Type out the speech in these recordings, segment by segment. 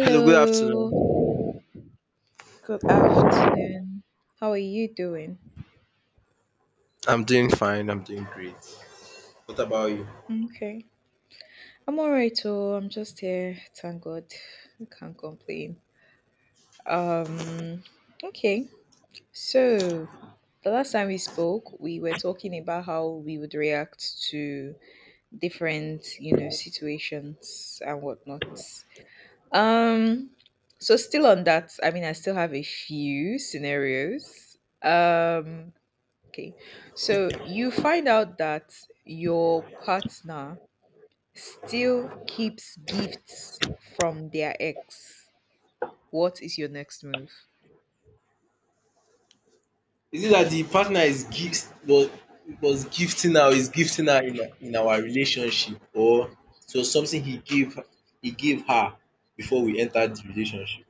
Hello, good afternoon. good afternoon. How are you doing? I'm doing fine. I'm doing great. What about you? Okay. I'm all right. Oh, I'm just here. Thank God. I can't complain. Um, okay. So, the last time we spoke, we were talking about how we would react to different situations and whatnot. Um, so still on that, I mean, I still have a few scenarios. Okay. So you find out that your partner still keeps gifts from their ex. What is your next move? Is it that the partner is gift was gifting her is gifting her in our relationship or so something he gave her before we entered the relationship?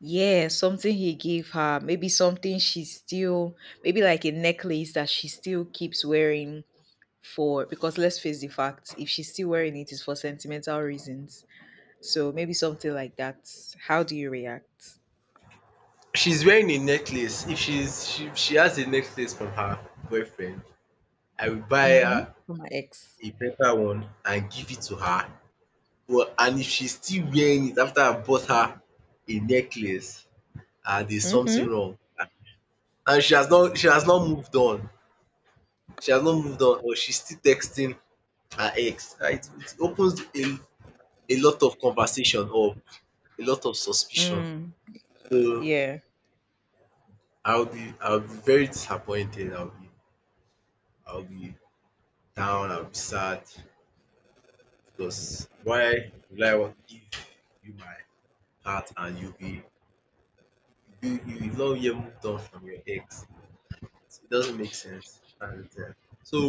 Yeah, something he gave her. Maybe something she still, maybe like a necklace that she still keeps wearing for, because let's face the fact, if she's still wearing it, it's for sentimental reasons. So maybe something like that. How do you react? She's wearing a necklace. If she has a necklace from her boyfriend, I will buy Mm hmm. her For my ex. a better one and give it to her. But and if she's still wearing it after I bought her a necklace, ah, there's Mm hmm. something wrong. And she has not moved on. She has not moved on or she's still texting her ex and it opens a lot of conversation or a lot of suspicion. Mm. So Yeah. I'll be very disappointed, I'll be down, I'll be sad because why would I want to give you my heart and you'll be you you you've not yet moved on from your ex. It doesn't make sense and so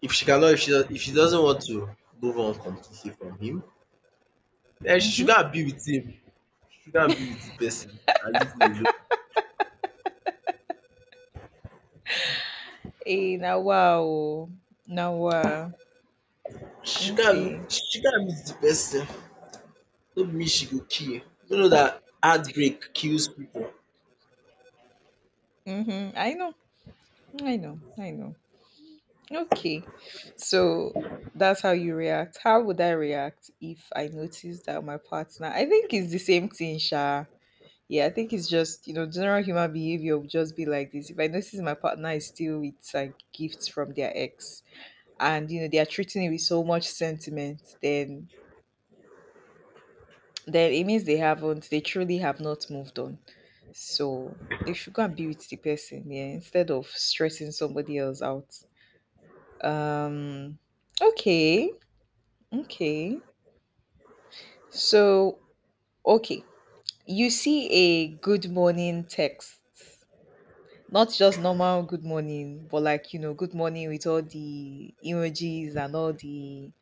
if she cannot if she does, if she doesn't want to move on completely from him, um, Mm she go hmm. and be with him she go and be with the person and leave me alone. Eh, nawa oh, nawa. Okay. She go and meet the person. No be me she go kill you. No know dat heartbreak kills people. Mm-hmm. I know. I know. I know. Okay. So that's how you react. How would I react if I noticed that my partner? I think it's the same thing, Sha. Yeah, I think it's just general human behavior would just be like this. If I notice my partner is still with like gifts from their ex, and you know they are treating it with so much sentiment, then it means they truly have not moved on. So they should go and be with the person, yeah, instead of stressing somebody else out. Um okay, okay. So okay. You see a good morning text. Not just normal good morning, but like good morning with all the emojis and all the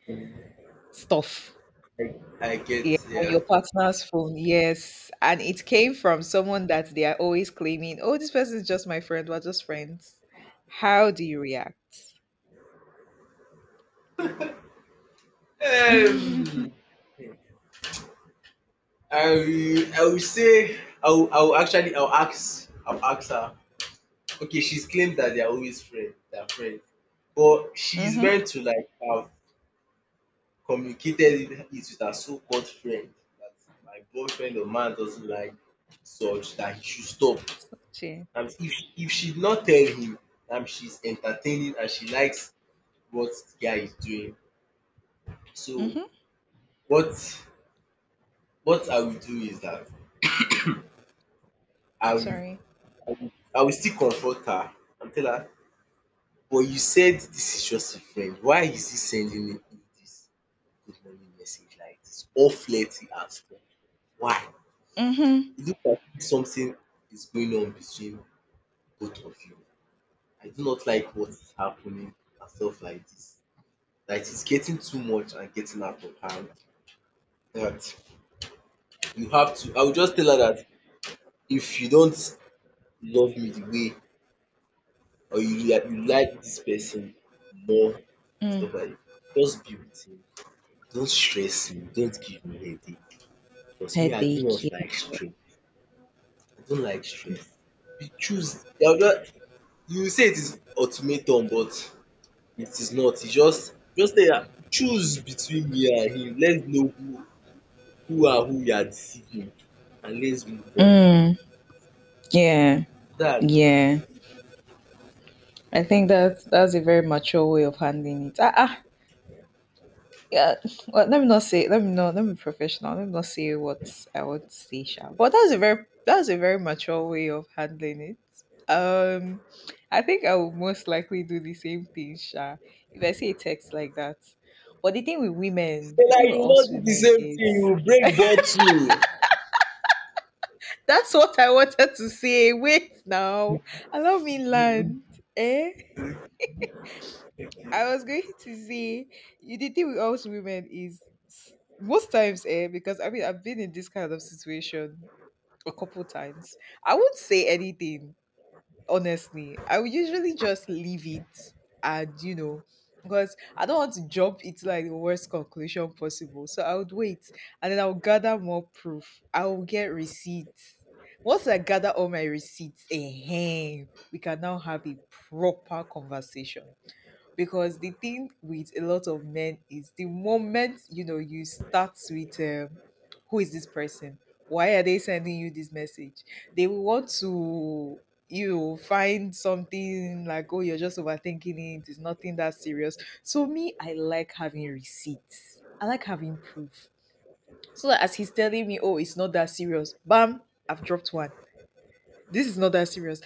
stuff. I get Yeah. On yeah. your partner's phone, yes. And it came from someone that they are always claiming, oh, this person is just my friend, we're just friends. How do you react? um Mhm. I will say I will actually I will ask her, okay, she's claimed that they are always friends. They are friends, but she's meant to like have communicated it with her so called friend that my boyfriend or man doesn't like, such that he should stop. Sokci. And if she did not tell him, she's entertaining and she likes what the guy is doing. So Mhm. what I will do is that I will Sorry. I will still confront her and tell her, but you said this is just a friend. Why is he sending me this good morning message like this, all flirty and stuff? Why? Mhm. It looks as something is going on between both of you. I do not like what is happening and stuff like this. Like, it's getting too much and getting out of hand. That you have to, I will just tell her that if you don't love me the way or you like this person more and Mm. stuff like that, just be with him. Don't stress him, don't give him headache. Because me, I do Headache. not like Yeah. stress. I don't like stress. You choose. I will just, you say it is ultimatum, but it is not. E just tell her choose between me and him. Let's know who are who you are deceiving, and let's move on. Mm. Yeah. Dat Yeah. I think that's a very mature way of handling it. Yeah. Well, let me not say. Let me not. Let me be professional. Let me not say what I would say, Sha. But that's a very mature way of handling it. Um, I think I would most likely do the same thing, Sha. If I see a text like that. But the thing with women, so the dat thing you with will not us do the women same thing, you is— will break bottle That's what I wanted to say. Wait now. Allow me land. Eh? I was going to say you the thing with us women is, most times, eh, because I mean I've been in this kind of situation a couple times. I won't say anything. Honestly, I would usually just leave it, and because I don't want to jump into like the worst conclusion possible, so I would wait, and then I would gather more proof, I will get receipts. Once I gather all my receipts, eh, we can now have a proper conversation, because the thing with a lot of men is the moment you know you start with who is this person, why are they sending you this message, they will want to find something like, oh, you're just overthinking it, it's nothing that serious. So me, I like having receipts, I like having proof, so that as he's telling me, oh, it's not that serious, bam, I've dropped one. This is not that serious.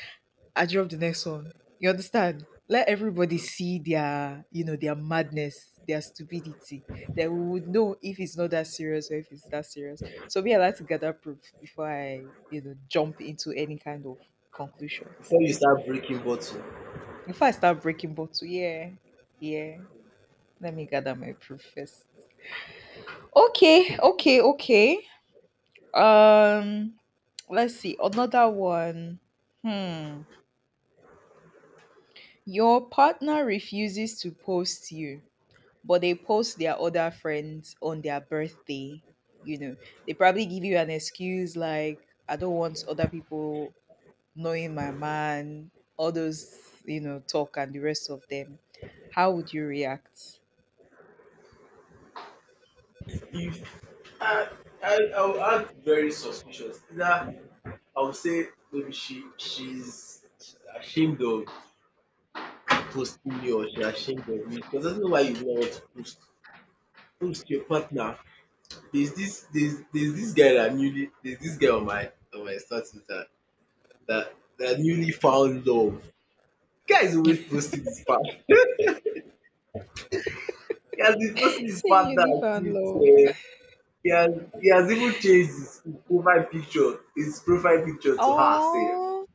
I drop the next one. You understand? Let everybody see their their madness, their stupidity. Then we would know if it's not that serious or if it's that serious. So me, I like to gather proof before I jump into any kind of conclusions. before you start breaking bottle. Before I start breaking bottle, yeah, yeah. Let me gather my proof first. Okay, okay, okay. Um, let's see. Another one. Hmm. Your partner refuses to post you, but they post their other friends on their birthday. You know, they probably give you an excuse like, I don't want other people knowing my man, all those talk and the rest of them. How would you react? If I I will act very suspicious. Either I will say maybe she's ashamed of posting me or she ashamed of me. Because I do not know why you would not want to post. Post your partner. There's this guy that newly, there's this guy on my status that that that newly found love. Guy is always posting his part. He has been posting his Say partner newly found since, love. He has even changed his profile picture to her sef. Oh,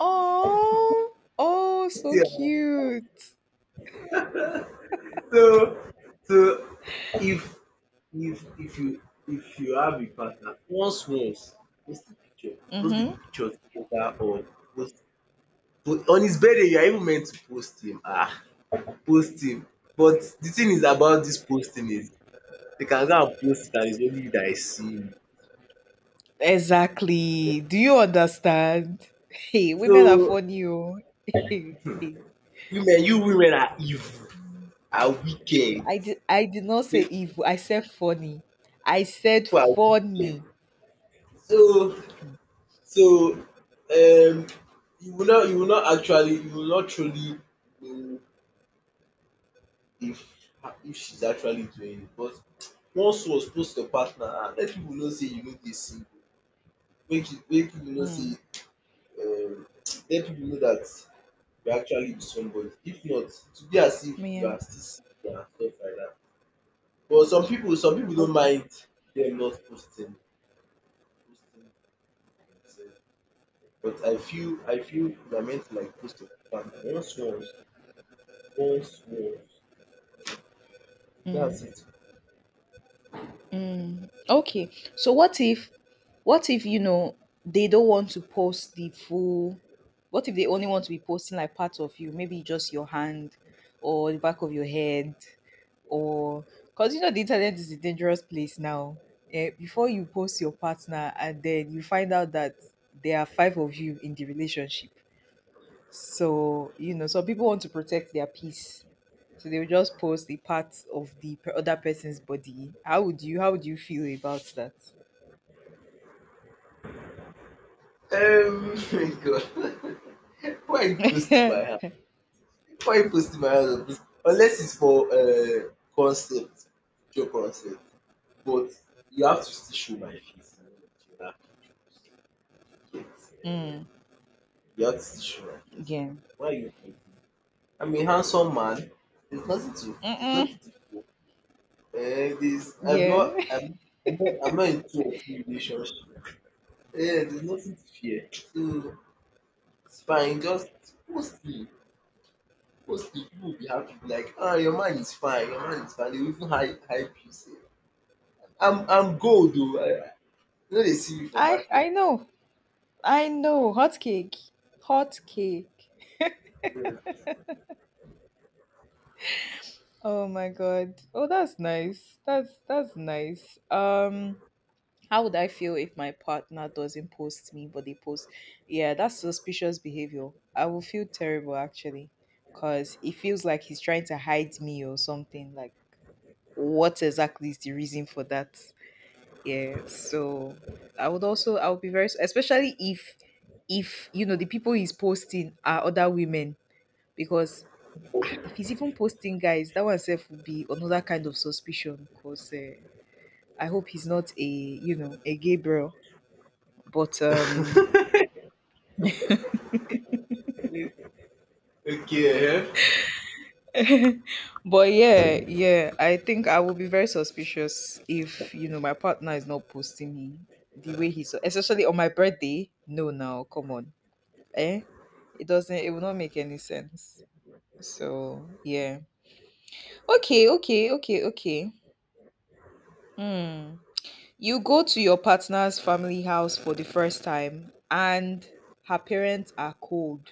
oh, oh, See, so eh? cute. So so if if if you if you have a partner, once post the picture, Mm-hmm. Together or post, po-, on his birthday you are even meant to post him. Ah, post him. But the thing is about this posting is they can go and post it and it's only you that will see it. Exactly. Do you understand? Hey, women are So funny. Oh. women, you women are evil, are wicked. I did not say People evil. I said funny. I said are wicked. funny. So um, you will not actually you will not truly know if she's actually doing it. But once was post your partner, um, let pipu know say you no dey single. Make it, make pipu know sey, Mm, um, let pipu know dat you are actually with somebody. If not, it will be as if you yeah. are still single and stuff like dat. But some pipu, don't Okay. mind dem not posting posting themself but I feel you are meant to like post your partner, once once once Mm, dats it. mm. Okay. So what if you know they don't want to post the full— what if they only want to be posting like parts of you, maybe just your hand, or the back of your head, or because you know the internet is a dangerous place now. Eh, before you post your partner and then you find out that there are five of you in the relationship. So, you know, some people want to protect their peace. So they will just post the part of the other person's body. How would you feel about that? Um, my God. Why are you posting my hand? Before you post it house or post unless it's for concept, picture concept, but you have to still show my face in all of the other pictures. Mm, yeah. You get, um, you have to still show my face. Why are you pointing? I'm a handsome man. There's nothing to Mm-mm, show. There's, I'm yeah. not I'm not into open relationship. Um, there's nothing to fear. So it's fine, just post me. Because if you will be happy, like, ah, your man is fine, your man is fine. They will even hype, hype you sef. I'm gold oo. I no dey see me for I market. I know. I know. Hot cake. Hot cake. Yeah. Oh my god. Oh, that's nice. That's nice. How would I feel if my partner doesn't post me, but they post? Yeah, that's suspicious behavior. I will feel terrible actually, because it feels like he's trying to hide me or something. Like, what exactly is the reason for that? Yeah, so I would be very— especially if you know the people he's posting are other women, because if he's even posting guys, that one self would be another kind of suspicion. Because I hope he's not a, you know, a gay bro, but um Okay, But yeah, yeah, I think I will be very suspicious if you know my partner is not posting me the way he's— especially on my birthday. No, now come on, eh? It doesn't. It will not make any sense. So yeah, okay, okay, okay, okay. Hmm. You go to your partner's family house for the first time, and her parents are cold.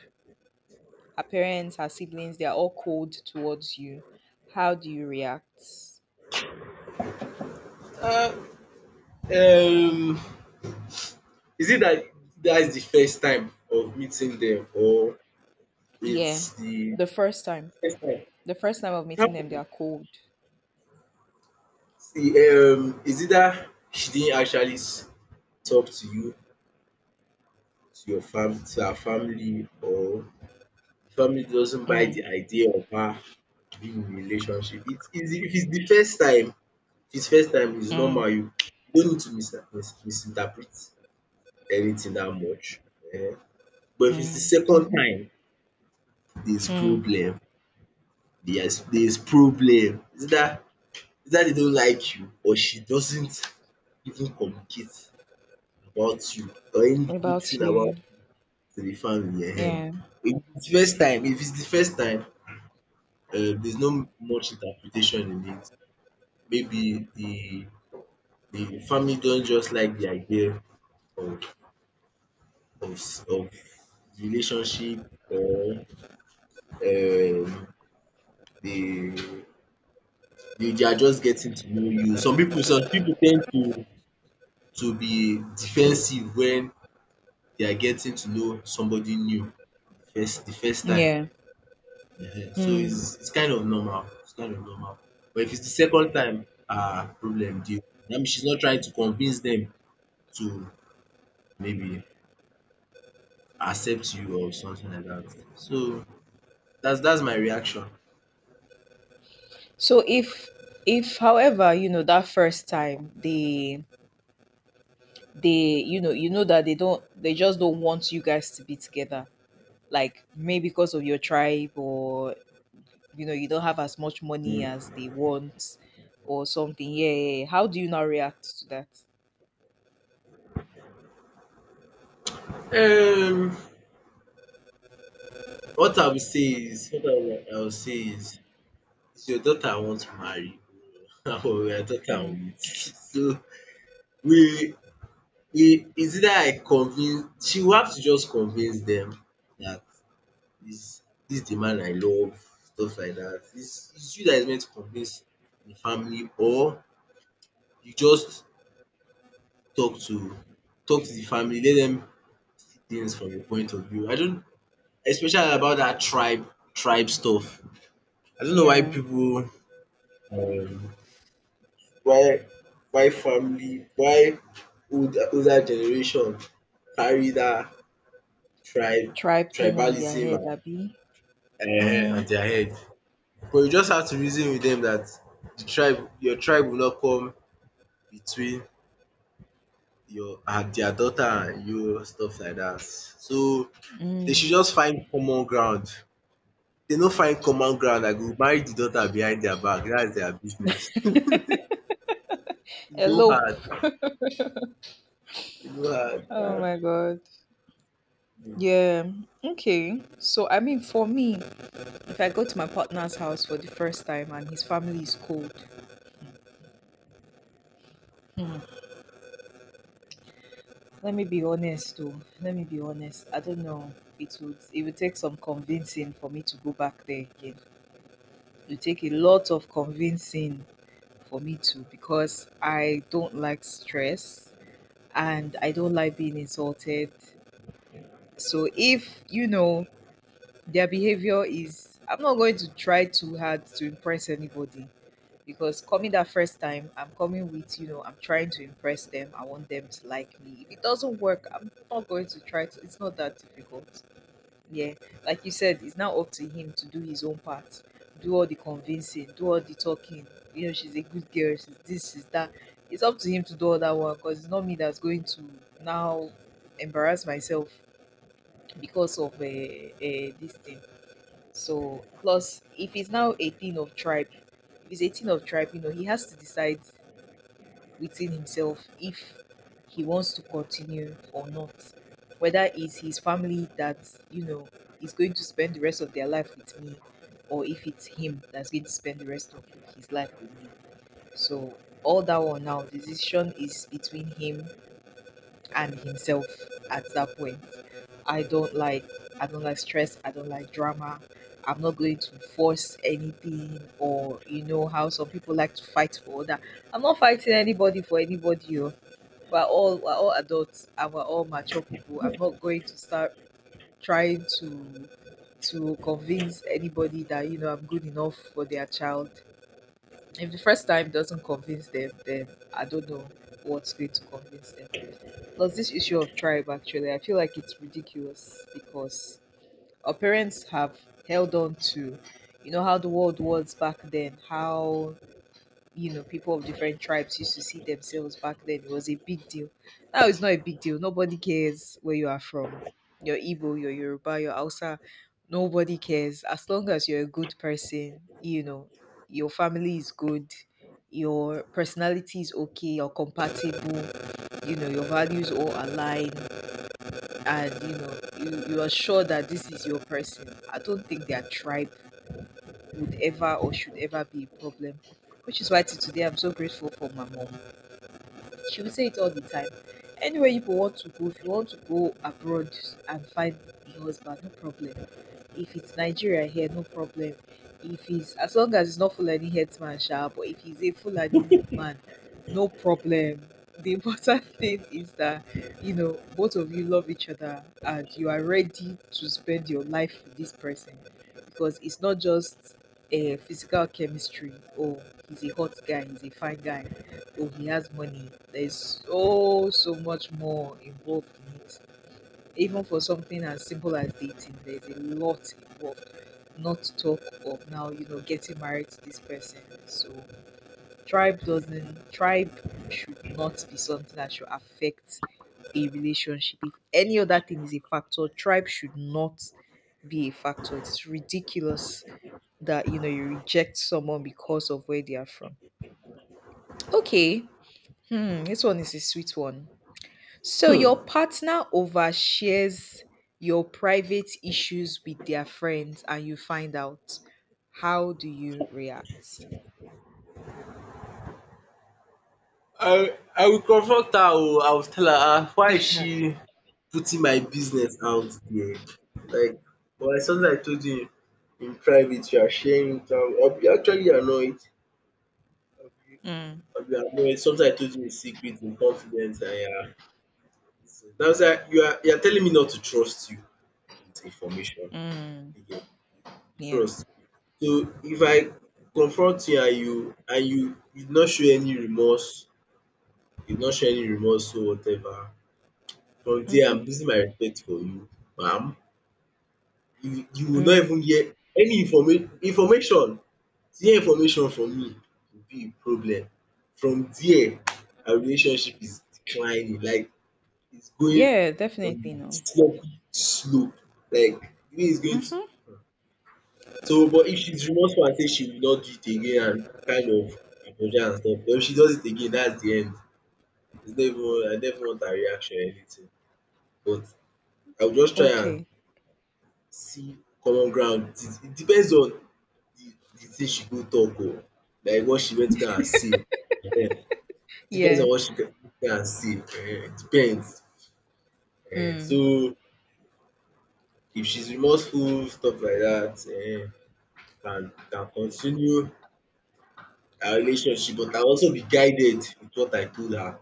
Her parents, her siblings, they are all cold towards you. How do you react? uh-huh. Uh, is it that that's the first time of meeting them, or Yeah, it's the the first time. first time? The first time of It meeting them, they happened. are cold. See, is it that she didn't actually s-, talk to you, to your fam, to her family, or family doesn't buy Mm, the idea of her being in a relationship? It's easy if it's the first time. If it's first time, it's mm, normal. You don't need to mis-, mis-, misinterpret anything that much. Um, but if it's the mm, second mhm, time, there's mm. problem. There's problem. Is that they don't like you or she doesn't even communicate about you or any What good about thing about, you, to the family. Um, yeah, if it's the first time, if it's the first time, there's no much interpretation in it. Maybe the family don't just like the idea of of of relationship, or um, they they are just getting to know you. Some people, tend to be defensive when they are getting to know somebody new the first, time. yeah. Ehen. So Mm. it's kind of normal. It's kind of normal. But if it's the second time, ah, problem dey. That means she's not trying to convince them to maybe accept you or something like that. So that's my reaction. So if, however, you know that first time, they you know that they just don't want you guys to be together, like maybe because of your tribe, or you know you don't have as much money as they want or something. Yeah, yeah, yeah. How do you now react to that? Um, what I will say is, what I will say is your daughter I want to marry, na your daughter Mm. wit. So we is either I convince, she will have to just convince them that this this the man I love, stuff like dat. Is you that is meant to convince the family, or you just talk to, the family, let them see things from your point of view. I don't, especially about that tribe, tribe stuff. I don't know why Yeah, people, um, why why family why old, older generation carry that tribe, tribe thing on their tribalism head, Abby. and Mm. on their head. But you just have to reason with them that the tribe your tribe will not come between your and their daughter and you, stuff like that. So they should Mm. just find common ground. Dey no find common ground, I go marry the daughter behind their back. That's their business. E no Elope. hard, e no Oh hard. my god. Yeah. Okay. So I mean, for me, if I go to my partner's house for the first time and his family is cold, hmm, let me be honest, though. Let me be honest. I don't know. It would take some convincing for me to go back there again. It would take a lot of convincing for me to, because I don't like stress and I don't like being insulted. So if you know their behavior is— I'm not going to try too hard to impress anybody, because coming that first time, I'm coming with I'm trying to impress them. I want them to like me. If it doesn't work, I'm not going to try to. It's not that difficult. Yeah. Like you said, it's now up to him to do his own part, do all the convincing, do all the talking. You know, she's a good girl. She's this, she's that. It's up to him to do all that work, because it's not me that's going to now embarrass myself because of this thing. So plus if he's now 18 of tribe, if he's 18 of tribe, you know, he has to decide within himself if he wants to continue or not. Whether it's his family that, you know, is going to spend the rest of their life with me, or if it's him that's going to spend the rest of his life with me. So all that one now, the decision is between him and himself at that point. I don't like I don't like stress, I don't like drama. I'm not going to force anything, or you know how some people like to fight for other. I'm not fighting anybody for anybody. Oh. We're all adults and we're all mature people. I'm not going to start trying to convince anybody that you know I'm good enough for their child. If the first time doesn't convince them, then I don't know what's going to convince them. There's this issue of tribe actually. I feel like it's ridiculous because our parents have held on to how the world was back then, how people of different tribes used to see themselves back then. It was a big deal. Now it's not a big deal. Nobody cares where you are from. Your Igbo, your Yoruba, your Hausa, nobody cares. As long as you're a good person, you know, your family is good, your personality is okay, you're compatible, you know, your values all align and you are sure that this is your person. I don't think their tribe would ever or should ever be a problem, which is why till today I'm so grateful for my mom. She will say it all the time. Anywhere you want to go, if you want to go abroad and find a husband, no problem. If it's Nigeria here, no problem. If it's as long as it's not Fulani headsman, sha, but if he's a Fulani man, no problem. The important thing is that you know both of you love each other and you are ready to spend your life with this person, because it's not just a physical chemistry. Oh, he's a hot guy, he's a fine guy, oh, he has money. There's so much more involved in it. Even for something as simple as dating, there's a lot involved, not to talk of now, you know, getting married to this person. So tribe should not be something that should affect a relationship. If any other thing is a factor, tribe should not be a factor. It's ridiculous that, you know, you reject someone because of where they are from. Okay. Hmm, this one is a sweet one. So your partner overshares your private issues with their friends and you find out. How do you react? I will confront her oh. I will tell her, “Ah, why is she putting my business out there?” Like, but like something I told you in private, you are sharing it out. I'll be actually annoyed. I'll be Mm, I'll be annoyed. Something I told you in secret, in confidence, and yeah. So, that's why you are, telling me not to trust you with information. mm, You get? yeah. Trust. So if I confront you and you and you you no show any remorse, or whatever, from there Mm-hmm. I'm losing my respect for you, ma'am. You will not Mm. even hear any informa-, information, to hear information from me will be a problem. From there, our relationship is declining, like it's going Yeah, on definitely a no. slippery slope, like the way it's going to. Mm-hmm. So but if she's remorseful and say she will not do it again and kind of apologize and stuff, but if she does it again, that's the end. It's never, I never want her reaction or anything. But I will just try and Okay. see common ground. It is-, it depends on the thing she go talk oo. Like what she went to go and say um. Depends Yeah. on what she go and say. It depends, um. Mm. So if she's remorseful, stuff like that, um, can continue our relationship, but I'll also be guided with what I told her.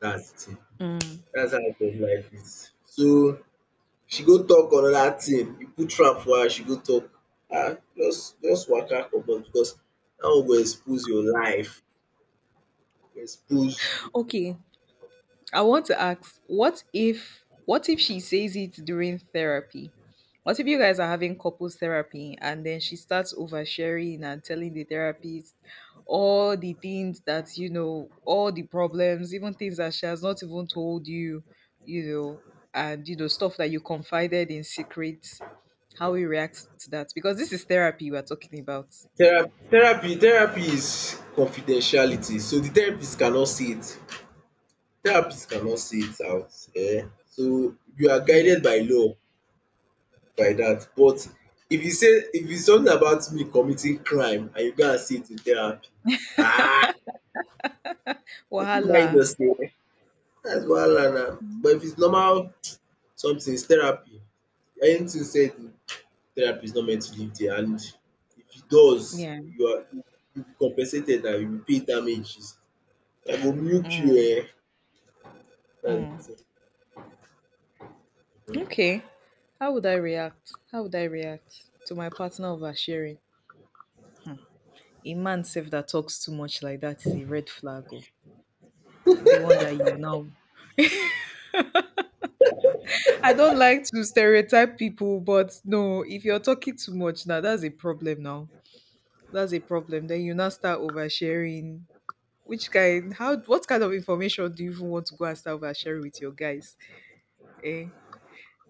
Dat's the thing. Mm. Dat's how tough life is. So she go talk another thing, you put trap for her, she go talk. Um, just waka comot because dat one go expose your life, go expose you. Okay. I want to ask, what if she says it during therapy? What if you guys are having couples therapy and then she starts oversharing and telling the therapist all the things that, you know, all the problems, even things that she has not even told you, you know, and you know, stuff that you confided in secret, how we react to that? Because this is therapy we're talking about. Thera-, therapy is confidentiality, so the therapist cannot see it, therapist cannot see it out, um. So you are Yeah. guided by law, by dat. But if you say if it's something about me committing crime and you go and see it in therapy, ah, you fit Wahala. mind yourself. Dats wahala na. But if it's normal something, it's therapy, anything sey di therapist no meant to leave dia, and if e does, Yeah. you are, you will be compensated, and you go pay damages. I go milk you. Mm, Um, dats mm. di thing. Okay. How would I react? How would I react to my partner oversharing? A man self that talks too much like that is a red flag. Oh. The one that you now. I don't like to stereotype people, but no, if you're talking too much now, that's a problem now. That's a problem. Then you now start oversharing. Which kind? How? What kind of information do you even want to go and start oversharing with your guys? Eh?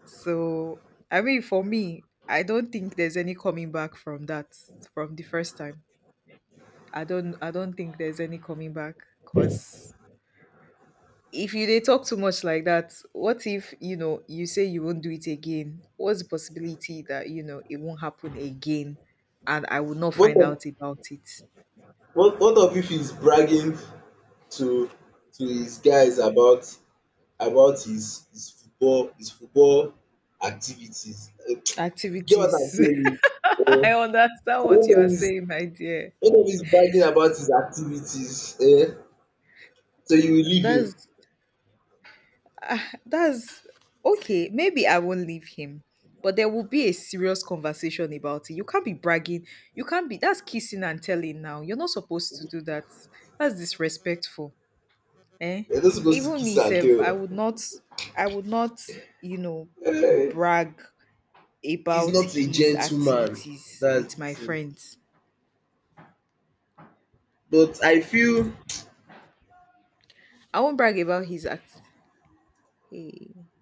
So, I mean, for me, I don't think there's any coming back from that, from the first time. I don't think there's any coming back, because if you they talk too much like that, what if, you know, you say you won't do it again? What's the possibility that, you know, it won't happen again and I will not What find of out about it? Both of you fit bragging to his guys about his football activities. You get what I'm Activities. saying? I Um, understand so what when you are dem is, saying, my dear. Bragging about his activities, um, so you will leave him. That's— ah, that's okay. Maybe I won't leave him, but there will be a serious conversation about it. You can't be bragging. You can't be. That's kissing and telling now. You're not supposed to do that. That's disrespectful. Eh? You're not supposed to Even kiss me, and self, I tell. would not. I would not. You know, Um, brag he's about not a his gentleman, activities that's with the my thing. friends. But I feel I won't brag about his act. Hey.